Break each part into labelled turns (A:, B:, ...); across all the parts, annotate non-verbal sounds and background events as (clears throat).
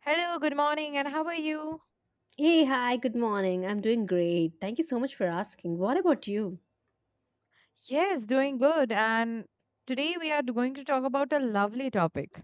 A: Hello, good morning, and how are you?
B: Hey, hi, good morning. I'm doing great. Thank you so much for asking. What about you?
A: Yes, doing good. And today we are going to talk about a lovely topic.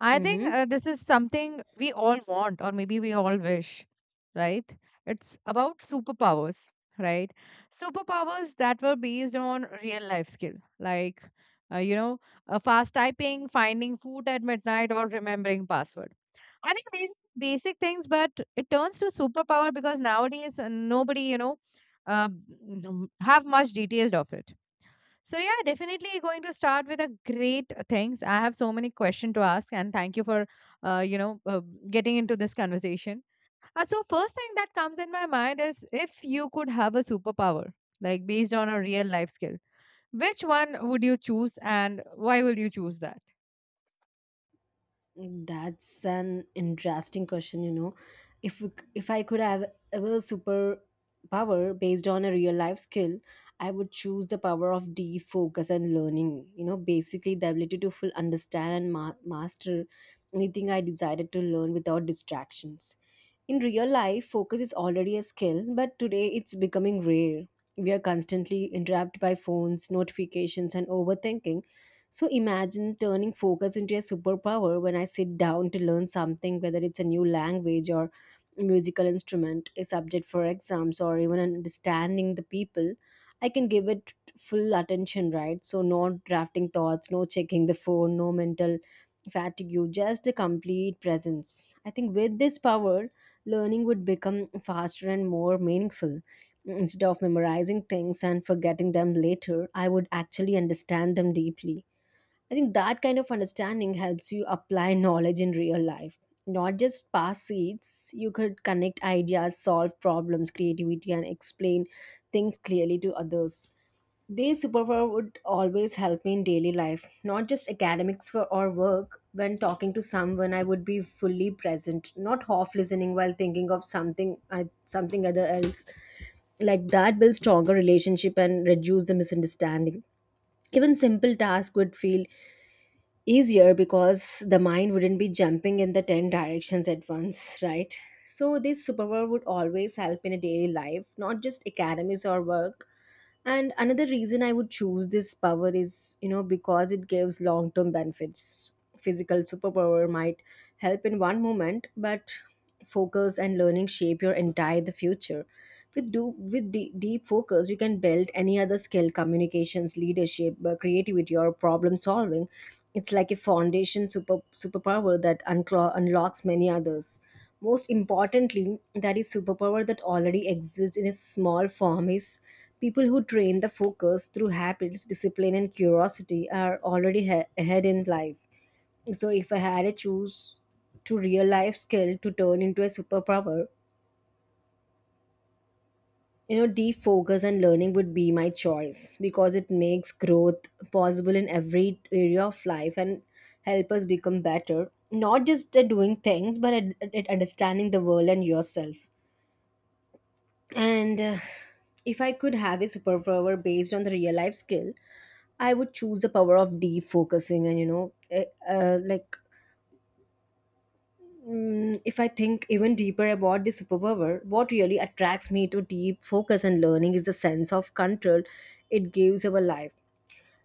A: I
B: Mm-hmm.
A: think this is something we all want, or maybe we all wish, right? It's about superpowers, right? Superpowers that were based on real life skill, like, uh, you know, fast typing, finding food at midnight, or remembering password. I think these basic things, but it turns to superpower because nowadays nobody, uh, have much detailed of it. So yeah, definitely going to start with a great things. I have so many questions to ask, and thank you for, uh, you know, uh, getting into this conversation. So first thing that comes in my mind is if you could have a superpower, like based on a real life skill, which one would you choose, and why would you choose that?
B: That's an interesting question. If we c- if I could have a real superpower based on a real life skill, I would choose the power of deep focus and learning. Basically the ability to full understand and master anything I decided to learn without distractions. In real life, focus is already a skill, but today it's becoming rare. We are constantly interrupted by phones, notifications, and overthinking. So imagine turning focus into a superpower when I sit down to learn something, whether it's a new language or musical instrument, a subject for exams, or even understanding the people. I can give it full attention, right? So, no drafting thoughts, no checking the phone, no mental fatigue, just the complete presence. I think with this power, learning would become faster and more meaningful. Instead of memorizing things and forgetting them later, I would actually understand them deeply. I think that kind of understanding helps you apply (laughs) knowledge in real life. Not just pass seeds, you could connect ideas, solve problems, creativity, and explain things clearly to others. Their superpower would always help me in daily life, not just academics or work. When talking to someone, I would be fully present, not half listening while thinking of something other else. Like that builds stronger relationship and reduce the misunderstanding. Even simple tasks would feel easier because the mind wouldn't be jumping in the 10 directions at once, right? So, this superpower would always help in a daily life, not just academies or work. And another reason I would choose this power is because it gives long term benefits. Physical superpower might help in one moment, but focus and learning shape your entire the future with do with de- deep focus you can build any other skill communications leadership creativity or problem solving. It's like a foundation superpower that unlocks many others. Most importantly, that is superpower that already exists in a small form is people who train the focus through habits discipline and curiosity are already ahead in life. So if I had to choose to real life skill to turn into a superpower, defocus and learning would be my choice because it makes growth possible in every area of life and help us become better, not just at doing things, but at understanding the world and yourself. And If I could have a superpower based on the real life skill, I would choose the power of defocusing. And, like, if I think even deeper about the superpower, what really attracts me to deep focus and learning is the sense of control it gives our life.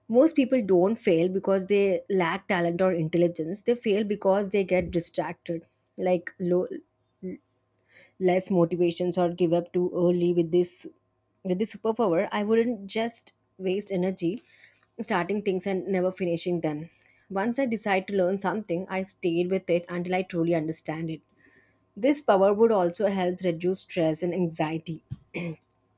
B: Most people don't fail because they lack talent or intelligence. They fail because they get distracted, like less motivations or give up too early. With this superpower, I wouldn't just waste energy starting things and never finishing them. Once I decide to learn something, I stayed with it until I truly understand it. This power would also help reduce stress and anxiety. (clears throat)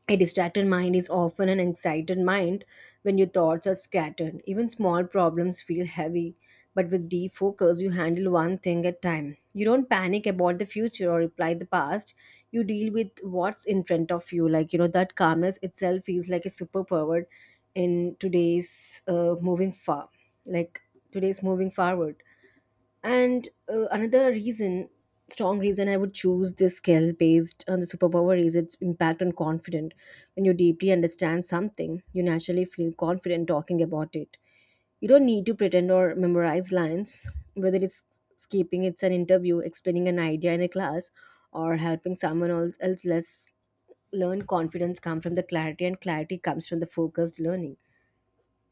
B: A distracted mind is often an excited mind when your thoughts are scattered. Even small problems feel heavy, but with deep focus, you handle one thing at a time. You don't panic about the future or reply the past. You deal with what's in front of you. Like, that calmness itself feels like a superpower in like today's moving forward. And another reason, strong reason I would choose this skill based on the superpower is its impact on confidence. When you deeply understand something, you naturally feel confident talking about it. You don't need to pretend or memorize lines, whether it's an interview, explaining an idea in a class, or helping someone else, else less learn. Confidence comes from the clarity and clarity comes from the focused learning.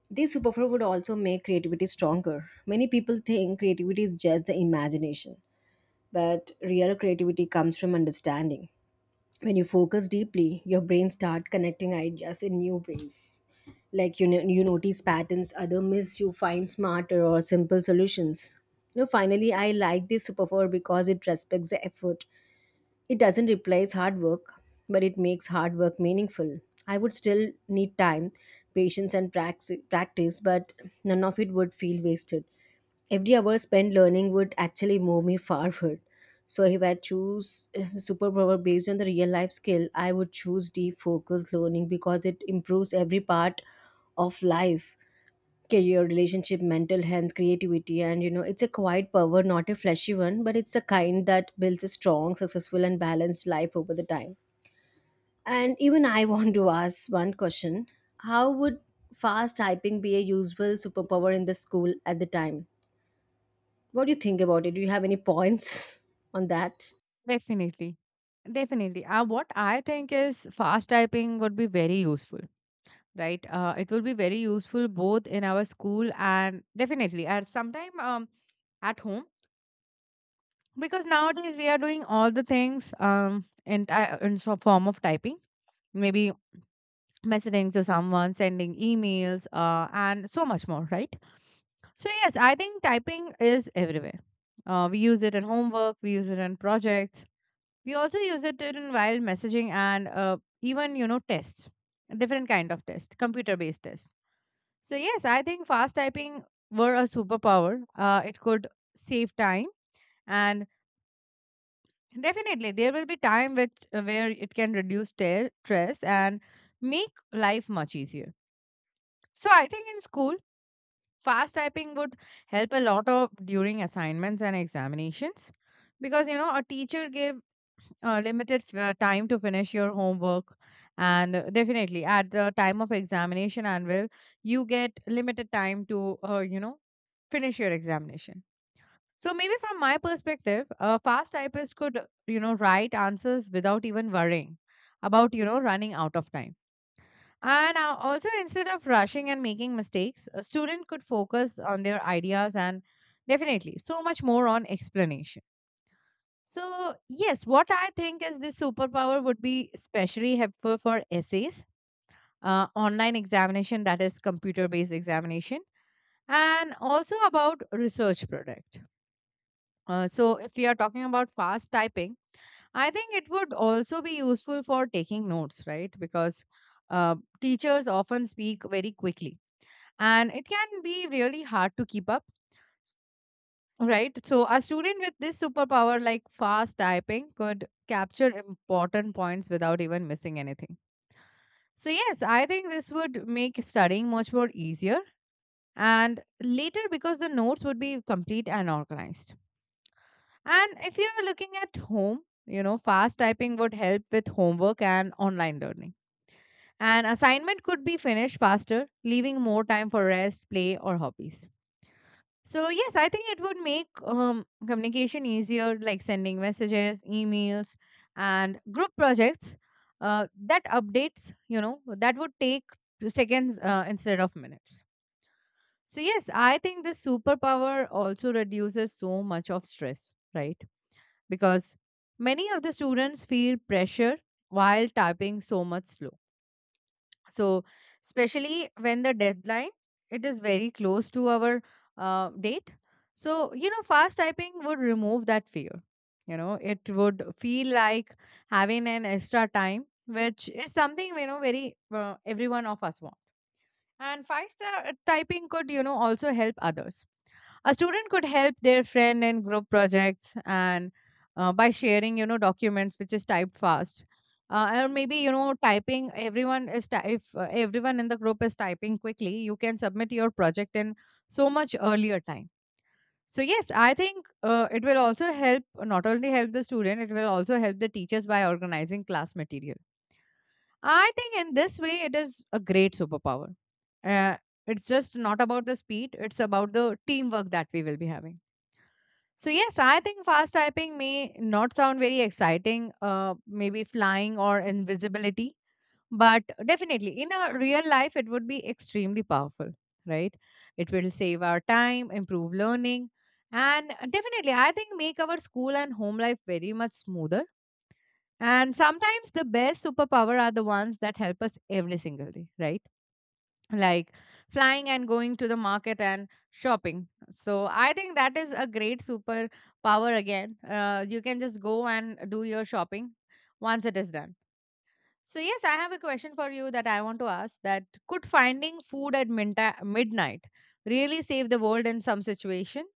B: This superpower would also make creativity stronger. Many people think creativity is just the imagination, but real creativity comes from understanding. When you focus deeply, your brain start connecting ideas in new ways. Like you, no- you notice patterns other miss, you find smarter or simple solutions. You know, finally, I like this superpower because it respects the effort. It doesn't replace hard work, but it makes hard work meaningful. I would still need time, patience, and practice, but none of it would feel wasted. Every hour spent learning would actually move me forward. So, if I choose a superpower based on the real life skill, I would choose deep focus learning because it improves every part of life, career, relationship, mental health, creativity, and it's a quiet power, not a flashy one, but it's a kind that builds a strong successful and balanced life over the time. And even I (laughs) want to ask one question: how would fast typing be a useful superpower in the school at the time? What do you think about it? Do you have any points (laughs) on that?
A: Definitely. Definitely. What I think is fast typing would be very useful, right? It will be very useful both in our school and definitely at sometime at home because nowadays we are doing all the things in so form of typing, maybe messaging to someone, sending emails, and so much more, right? So, yes, I think typing is everywhere. We use it in homework, we use it in projects, we also use it in while messaging and even you know tests, different kind of test, computer based test. So yes, I think fast typing were a superpower, it could save time, and definitely there will be time which where it can reduce tear, stress and make life much easier. So I think in school fast typing would help a lot of during assignments and examinations because you know a teacher gave time to finish your homework, and definitely at the time of examination anvil you get limited time to you know finish your examination. So maybe from my perspective a fast typist could you know write answers without even worrying about you know running out of time, and also instead of rushing and making mistakes, a student could focus on their ideas and definitely so much more on explanation. So, yes, what I think is this superpower would be especially helpful for essays, online examination, that is computer based examination, and also about research product. So, if we are talking about fast typing, I think it would also be useful for taking notes, right? Because teachers often speak very quickly and it can be really hard to keep up. Right. So a student with this superpower like fast typing could capture important points without even missing anything. So yes, I think this would make studying much more easier and later because the notes would be complete and organized. And if you're looking at home, you know, fast typing would help with homework and online learning. An assignment could be finished faster, leaving more time for rest, play or hobbies. So yes, I think it would make communication easier, like sending messages, emails, and group projects that updates. You know that would take seconds instead of minutes. So yes, I think this superpower also reduces so much of stress, right? Because many of the students feel pressure while typing so much slow. So, especially when the deadline it is very close to our date. So, you know, fast typing would remove that fear. You know, it would feel like having an extra time, which is something you know very every one of us want. And fast typing could you know also help others. A student could help their friend in group projects and by sharing you know documents which is typed fast, or maybe you know typing everyone is ty- if everyone in the group is typing quickly, you can submit your project in so much earlier time. So yes, I think it will also help, not only help the student, it will also help the teachers by organizing class material. I think in this way it is a great superpower. uh, it's just not about the speed, it's about the teamwork that we will be having. So yes, I think fast typing may not sound very exciting, maybe flying or invisibility, but definitely in a real life, it would be extremely powerful, right? It will save our time, improve learning, and definitely, I think make our school and home life very much smoother. And sometimes the best superpower are the ones that help us every single day, right? Like flying and going to the market and shopping. So I think that is a great super power again. You can just go and do your shopping once it is done. So yes, I have a question for you that I want to ask, that could finding food at midnight really save the world in some situation?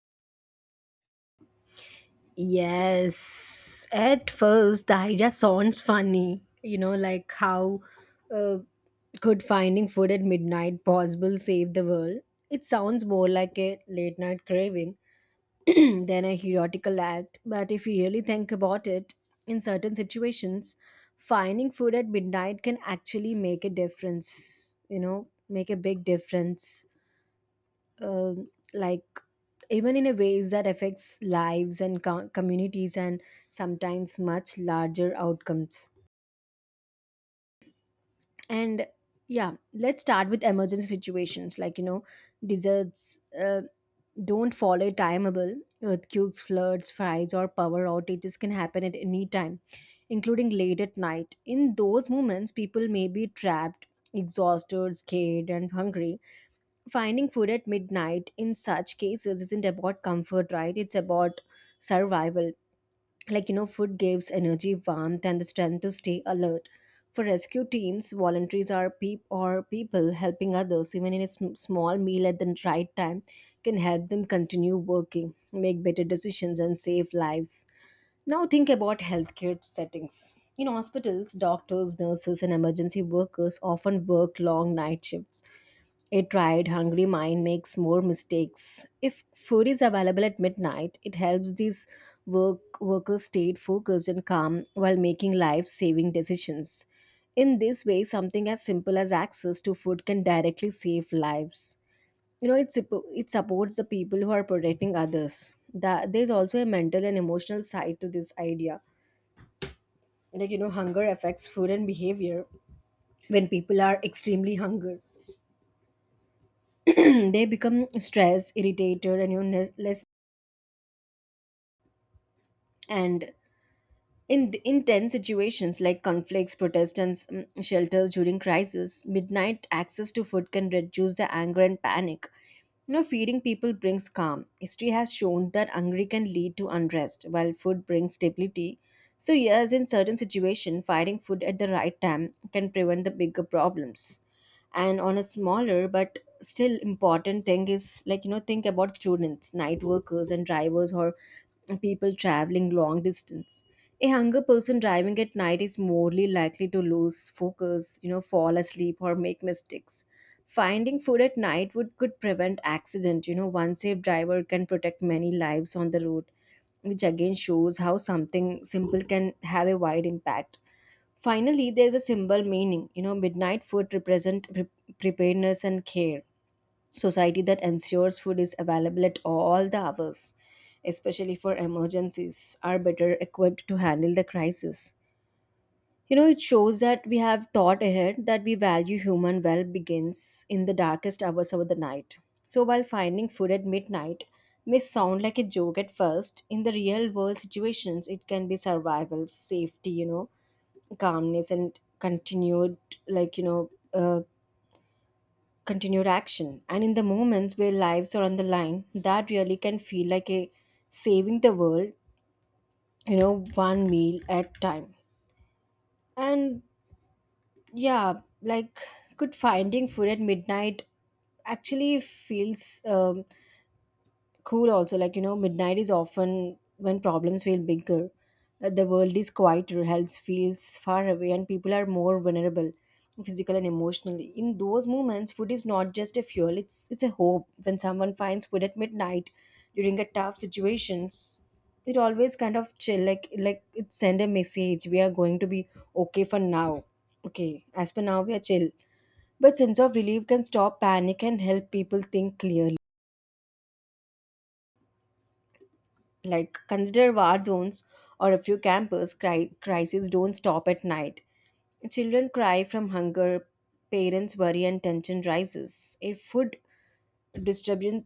B: Yes, at first the idea sounds funny, you know, like how uh, could finding food at midnight possible save the world? It sounds more like a late night craving (clears throat) than a heroical act, but if you really think about it, in certain situations, finding food at midnight can actually make a difference, you know, make a big difference um like even in a ways that affects lives and communities and sometimes much larger outcomes. And yeah, let's start with emergency situations like deserts don't follow a timeable. Earthquakes, floods, fires, or power outages can happen at any time, including late at night. In those moments people may be trapped, exhausted, scared, and hungry. Finding food at midnight in such cases isn't about comfort, right? It's about survival. Like food gives energy, warmth, and the strength to stay alert. For rescue teams volunteers are or people helping others. Even in a small meal at the right time can help them continue working, make better decisions, and save lives. Now think about healthcare settings. In hospitals, doctors, nurses, and emergency workers often work long night shifts. A tired, hungry mind makes more mistakes. If food is available at midnight, it helps these workers stay focused and calm while making life-saving decisions. In this way, something as simple as access to food can directly save lives. You know it supports the people who are protecting others. That there's also a mental and emotional side to this idea. Like hunger affects food and behavior. When people are extremely hungry, (clears throat) they become stressed, irritated, and you know less. And in intense situations like conflicts, protests, and shelters during crisis, midnight access to food can reduce the anger and panic. Feeding people brings calm. History has shown that hunger can lead to unrest, while food brings stability. So, yes, in certain situations, finding food at the right time can prevent the bigger problems. And on a smaller but still important thing is like think about students, night workers, and drivers or people traveling long distance. A younger person driving at night is morely likely to lose focus, fall asleep or make mistakes. Finding food at night would could prevent accident. You know, one safe driver can protect many lives on the road, which again shows how something simple can have a wide impact. Finally, there's a symbol meaning. Midnight food represent preparedness and care. Society that ensures food is available at all the hours, especially for emergencies, are better equipped to handle the crisis. It shows that we have thought ahead, that we value human well begins in the darkest hours of the night. So, while finding food at midnight may sound like a joke at first, in the real world situations, it can be survival, safety, calmness, and continued, like, continued action. And in the moments where lives are on the line, that really can feel like a saving the world, one meal at time. And yeah, like could finding food at midnight actually feels cool. Also, like, midnight is often when problems feel bigger. The world is quieter. Health feels far away, and people are more vulnerable physically and emotionally. In those moments, food is not just a fuel, it's a hope when someone finds food at midnight during a tough situations. It always kind of chill. Like, it send a message, we are going to be okay for now. Okay, as per now we are chill. But sense of relief can stop panic and help people think clearly. Like, consider war zones or a few campus crises don't stop at night. Children cry from hunger, parents worry, and tension rises. If food distribution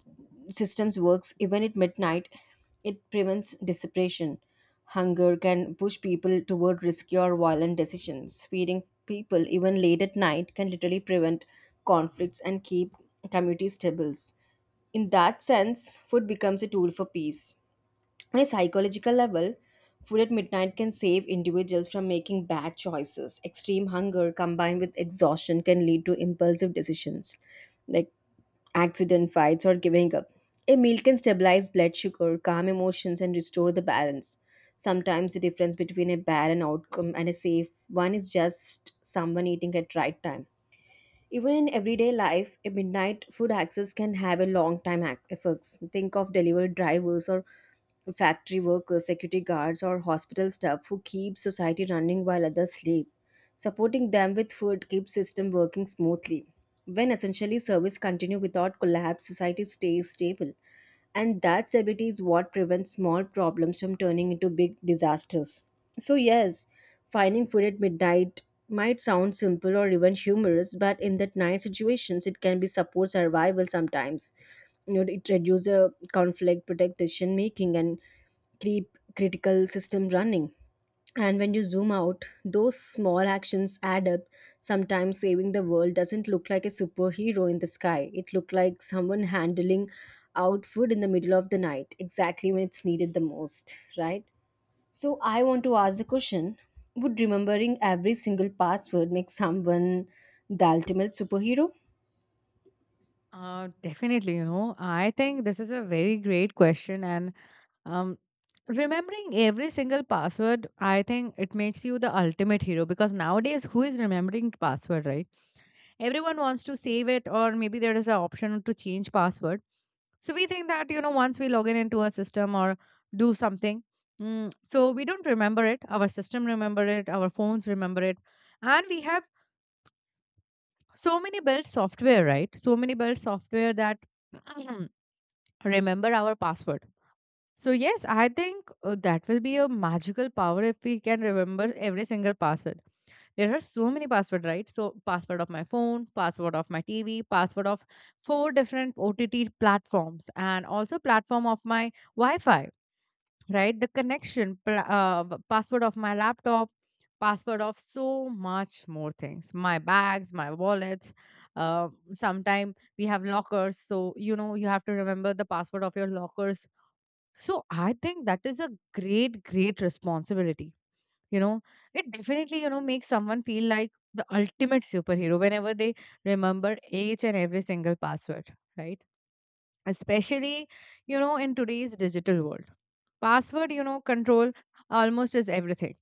B: systems works even at midnight, it prevents dissipation. Hunger can push people toward risky or violent decisions. Feeding people even late at night can literally prevent conflicts and keep communities stable. In that sense, food becomes a tool for peace. On a psychological level, food at midnight can save individuals from making bad choices. Extreme hunger combined with exhaustion can lead to impulsive decisions like accident fights or giving up. A meal can stabilize blood sugar, calm emotions, and restore the balance. Sometimes the difference between a bad and outcome and a safe one is just someone eating at right time. Even in everyday life, a midnight food access can have a long time effects. Think of delivery drivers or factory workers, security guards, or hospital staff who keep society running while others sleep. Supporting them with food keeps system working smoothly. When essentially service continue without collapse, society stays stable. And that stability is what prevents small problems from turning into big disasters. So yes, finding food at midnight might sound simple or even humorous, but in that night situations it can be support survival sometimes. It reduces conflict, protect decision making, and keep critical system running. And when you zoom out, those small actions add up. Sometimes saving the world doesn't look like a superhero in the sky. It looked like someone handling out food in the middle of the night, exactly when it's needed the most, right? So I want to ask the question: would remembering every single password make someone the ultimate superhero?
A: Definitely you know I think this is a very great question and um remembering every single password, I think it makes you the ultimate hero because nowadays who is remembering password, right? Everyone wants to save it, or maybe there is an option to change password. So we think that you know once we log in into a system or do something, so we don't remember it, our system remember it, our phones remember it, and we have so many built software, right? So many built software that (clears throat) remember our password. So yes, I think that will be a magical power if we can remember every single password. There are so many passwords, right? So password of my phone, password of my TV, password of four different OTT platforms, and also platform of my Wi-Fi, right? The connection, password of my laptop, password of so much more things. My bags, my wallets. Sometime we have lockers, so you know you have to remember the password of your lockers. So I think that is a great, great responsibility. You know, it definitely, you know, makes someone feel like the ultimate superhero whenever they remember each and every single password, right? Especially you know in today's digital world, password you know control almost is everything.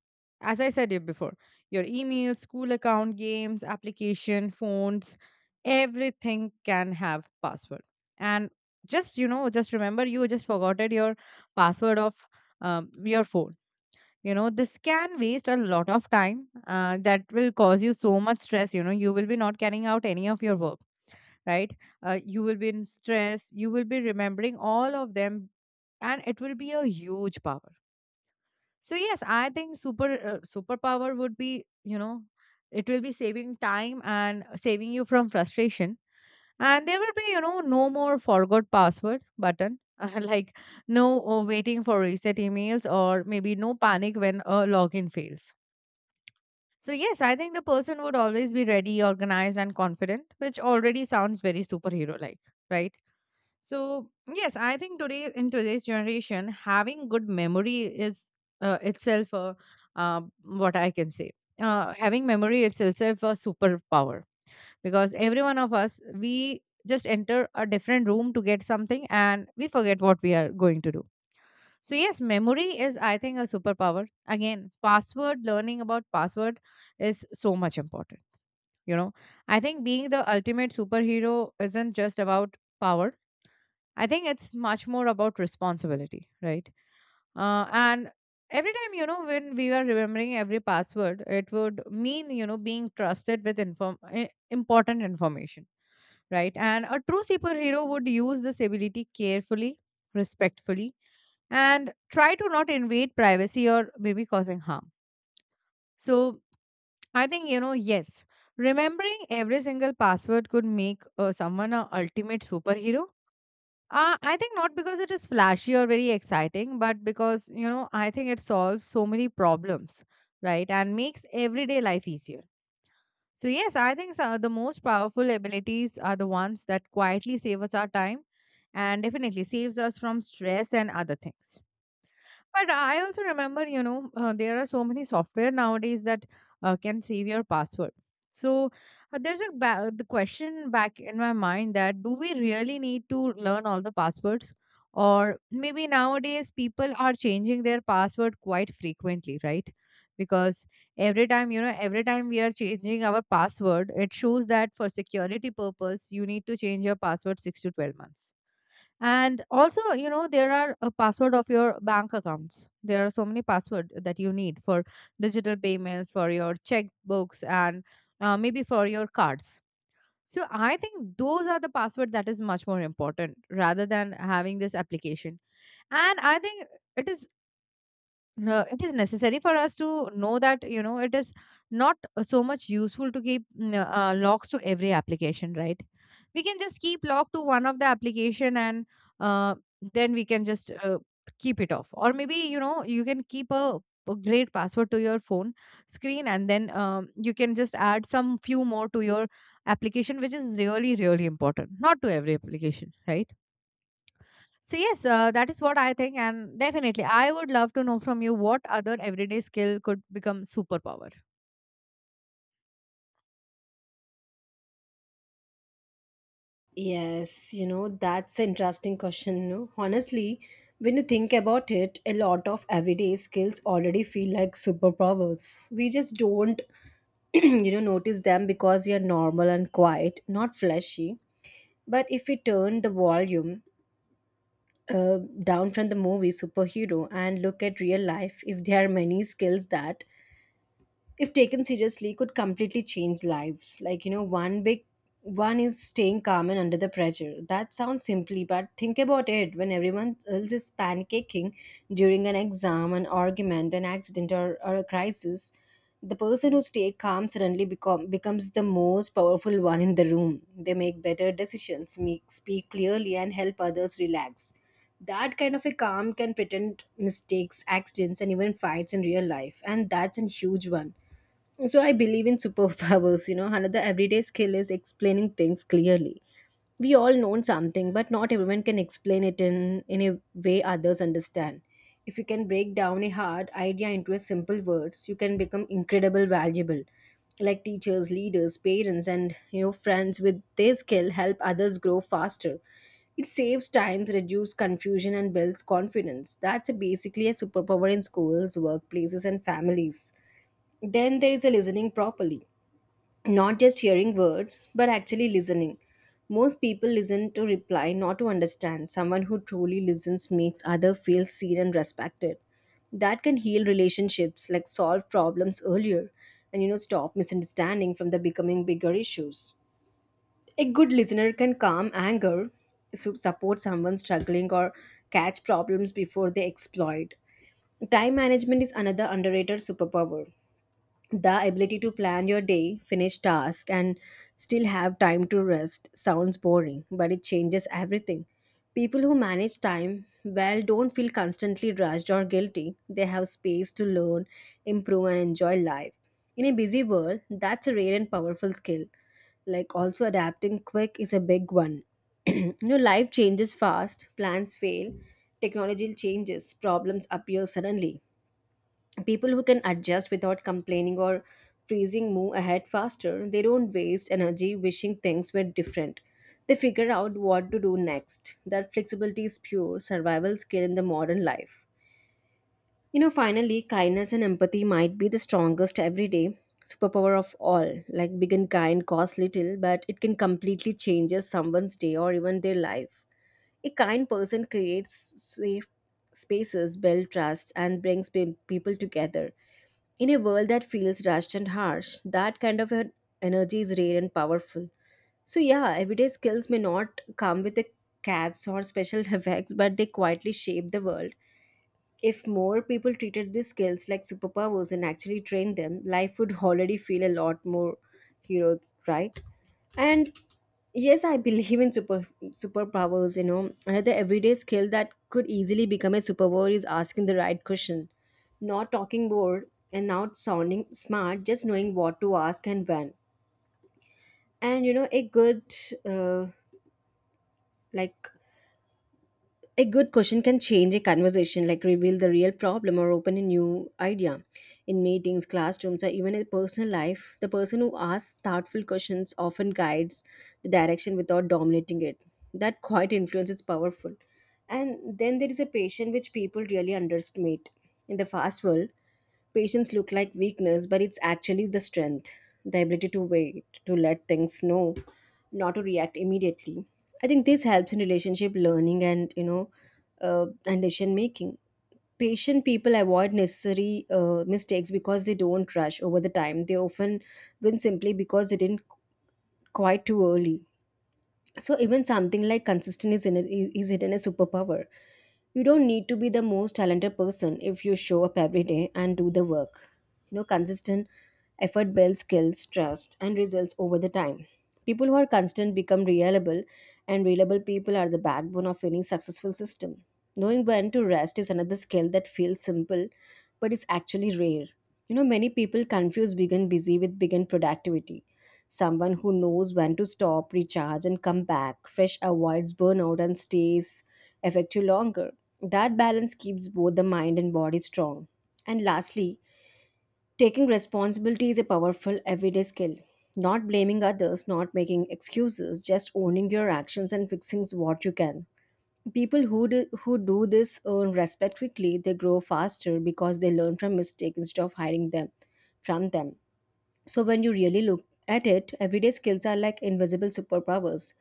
A: As I said you before, your email, school account, games, application, phones, everything can have password. And just you know just remember you just forgotten your password of your phone, you know this can waste a lot of time, that will cause you so much stress, you know you will be not carrying out any of your work, right? You will be in stress, you will be remembering all of them, and it will be a huge power. So, yes, I think superpower would be, you know, it will be saving time and saving you from frustration. And there will be, you know, no more forgot password button, (laughs) like no waiting for reset emails, or maybe no panic when a login fails. So, yes, I think the person would always be ready, organized, and confident, which already sounds very superhero like, right? So yes, I think today in today's generation, having good memory is itself what I can say. Having memory it's itself a superpower because every one of us we just enter a different room to get something and we forget what we are going to do. So yes, memory is I think a superpower. Again, password, learning about password is so much important. You know, I think being the ultimate superhero isn't just about power, I think it's much more about responsibility, right? And every time, you know, when we were remembering every password, it would mean, you know, being trusted with important information, right? And a true superhero would use this ability carefully, respectfully, and try to not invade privacy or maybe causing harm. So I think, you know, yes, remembering every single password could make someone a ultimate superhero. I think not because it is flashy or very exciting, but because, you know, I think it solves so many problems, right? And makes everyday life easier. So, yes, I think so, the most powerful abilities are the ones that quietly save us our time and definitely saves us from stress and other things. But I also remember, you know, there are so many software nowadays that can save your password. So there's a the question back in my mind that do we really need to learn all the passwords? Or maybe nowadays people are changing their password quite frequently, right? Because every time, every time we are changing our password, it shows that for security purpose, you need to change your password six to 12 months. And also, you know, there are a password of your bank accounts. There are so many password that you need for digital payments, for your checkbooks, and maybe for your cards. So I think those are the password that is much more important rather than having this application. And I think it is it is necessary for us to know that you know it is not so much useful to keep locks to every application, right? We can just keep lock to one of the application and uh, then we can just keep it off. Or maybe you know you can keep a great password to your phone screen, and then you can just add some few more to your application which is really really important, not to every application, right? So yes, that is what I think, and definitely, I would love to know from you what other everyday skill could become superpower.
B: Yes, that's an interesting question. No? Honestly, when you think about it, a lot of everyday skills already feel like superpowers. We just don't, (clears throat) notice them because you're normal and quiet, not flashy. But if we turn the volume down from the movie superhero and look at real life, if there are many skills that if taken seriously could completely change lives. Like, one big one is staying calm and under the pressure. That sounds simply, but think about it. When everyone else is pancaking during an exam, an argument, an accident, or a crisis, the person who stays calm suddenly becomes the most powerful one in the room. They make better decisions, speak clearly, and help others relax. That kind of a calm can pretend mistakes, accidents, and even fights in real life, and that's a huge one. So I believe in superpowers. Another everyday skill is explaining things clearly. We all know something, but not everyone can explain it in a way others understand. If you can break down a hard idea into a simple words, you can become incredible valuable. Like teachers, leaders, parents, and friends with their skill help others grow faster. It saves time, reduces confusion, and builds confidence. That's basically a superpower in schools, workplaces, and families. Then there is a listening properly, not just hearing words, but actually listening. Most people listen to reply, not to understand. Someone who truly listens makes other feel seen and respected. That can heal relationships, like solve problems earlier, and stop misunderstanding from the becoming bigger issues. A good listener can calm anger, support someone struggling, or catch problems before they exploit. Time management is another underrated superpower. The ability to plan your day, finish tasks, and still have time to rest sounds boring, but it changes everything. People who manage time well don't feel constantly rushed or guilty. They have space to learn, improve, and enjoy life. In a busy world, that's a rare and powerful skill. Like, also, adapting quick is a big one. (clears throat) Life changes fast, plans fail, technology changes, problems appear suddenly. People who can adjust without complaining or freezing move ahead faster. They don't waste energy wishing things were different. They figure out what to do next. That flexibility is pure survival skill in the modern life. Finally, kindness and empathy might be the strongest everyday superpower of all. Like, big and kind costs little, but it can completely change someone's day or even their life. A kind person creates safe spaces, builds trust, and brings people together. In a world that feels rushed and harsh, that kind of an energy is rare and powerful. So, yeah, everyday skills may not come with the caps or special (laughs) effects, but they quietly shape the world. If more people treated these skills like superpowers and actually trained them, life would (laughs) already feel a lot more heroic, right? And yes, I believe in superpowers. Another everyday skill that could easily become a superpower is asking the right question. Not talking bored and not sounding smart, just knowing what to ask and when. And uh, like A good question can change a conversation, like reveal the real problem or open a new idea. In meetings, classrooms, or even in personal life, the person who asks thoughtful questions often guides the direction without dominating it. That quiet influence is powerful. And then there is a patience which people really underestimate. In the fast world, patience look like weakness, but it's actually the strength, the ability to wait, to let things know, not to react immediately. I think this helps in relationship learning and you know and decision making. Patient people avoid necessary mistakes because they don't rush. Over the time, they often win simply because they didn't quite too early. So even something like consistent is it a superpower. You don't need to be the most talented person if you show up every day and do the work. Consistent effort builds skills, trust, and results over the time. People who are constant become reliable, and reliable people are the backbone of any successful system. Knowing when to rest is another skill that feels simple but is actually rare. Many people confuse being busy with being productivity. Someone who knows when to stop, recharge, and come back fresh avoids burnout and stays effective longer. That balance keeps both the mind and body strong. And lastly, taking responsibility is a powerful everyday skill. Not blaming others, not making excuses, just owning your actions and fixing what you can. People who do this earn respect quickly, they grow faster because they learn from mistakes instead of hiding them from them. So when you really look at it, everyday skills are like invisible superpowers.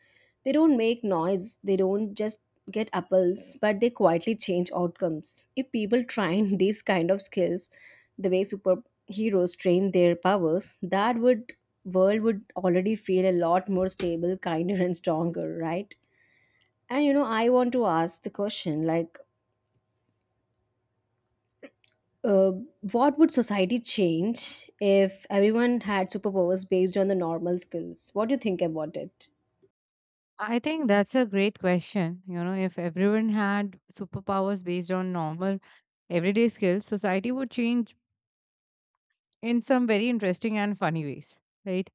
B: They don't make noise, they don't just get apples, but they quietly change outcomes. If people train (laughs) these kind of skills, the way superheroes train their powers, that would world would already feel a lot more stable, kinder and stronger, right? And I want to ask the question Uh, what would society change if everyone had superpowers based on the normal skills? What do you think about it?
A: I think that's a great question. You know, if everyone had superpowers based on normal everyday skills, society would change in some very interesting and funny ways, right?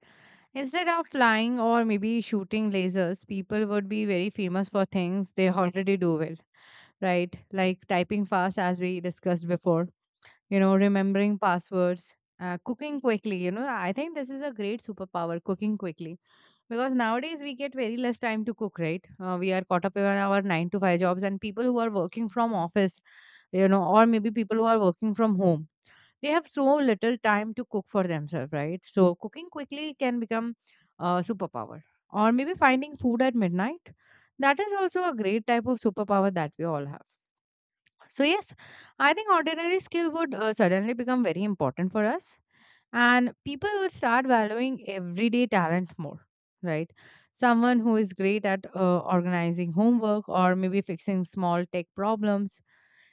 A: Instead of flying or maybe shooting lasers, people would be very famous for things they already do well, right? Like typing fast, as we discussed before, you know, remembering passwords, cooking quickly. You know, I think this is a great superpower, cooking quickly. Because nowadays we get very less time to cook, right? We are caught up in our 9 to 5 jobs, and people who are working from office, you know, or maybe people who are working from home, they have so little time to cook for themselves, right? So cooking quickly can become a superpower. Or maybe finding food at midnight. That is also a great type of superpower that we all have. So, yes, I think ordinary skill would suddenly become very important for us, and people would start valuing everyday talent more, right? Someone who is great at organizing homework or maybe fixing small tech problems.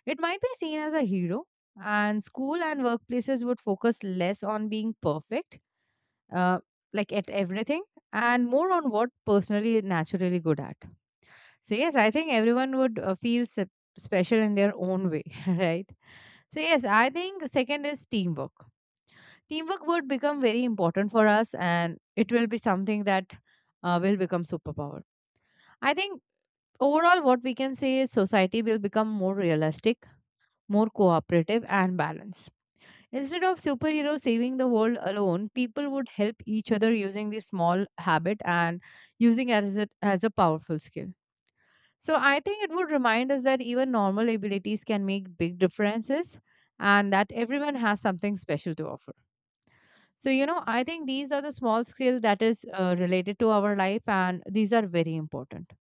A: It might be seen as a hero, and school and workplaces would focus less on being perfect, uh, like at everything, and more on what personally naturally good at. So yes, I think everyone would feel special in their own way, (laughs) right? So yes, I think second is teamwork. Teamwork would become very important for us, and it will be something that will become superpower. I think overall, what we can say is society will become more realistic, more cooperative, and balanced. Instead of superheroes saving the world alone, people would help each other using this small habit and using as as a powerful skill. So I think it would remind us that even normal abilities can make big differences and that everyone has something special to offer. So, you know, I think these are the small skills that is related to our life and these are very important.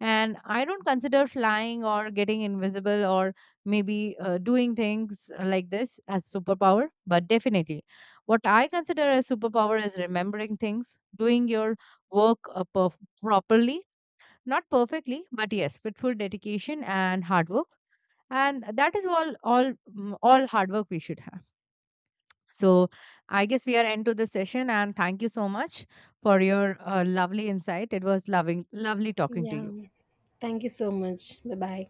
A: And I don't consider flying or getting invisible or maybe doing things like this as superpower, but definitely what I consider as superpower is remembering things, doing your work properly, not perfectly, but yes, with full dedication and hard work. And that is all hard work we should have. So I guess we are end to the session, and thank you so much for your lovely insight. It was loving lovely talking to
B: Yeah.
A: you.
B: Thank you so much. Bye bye.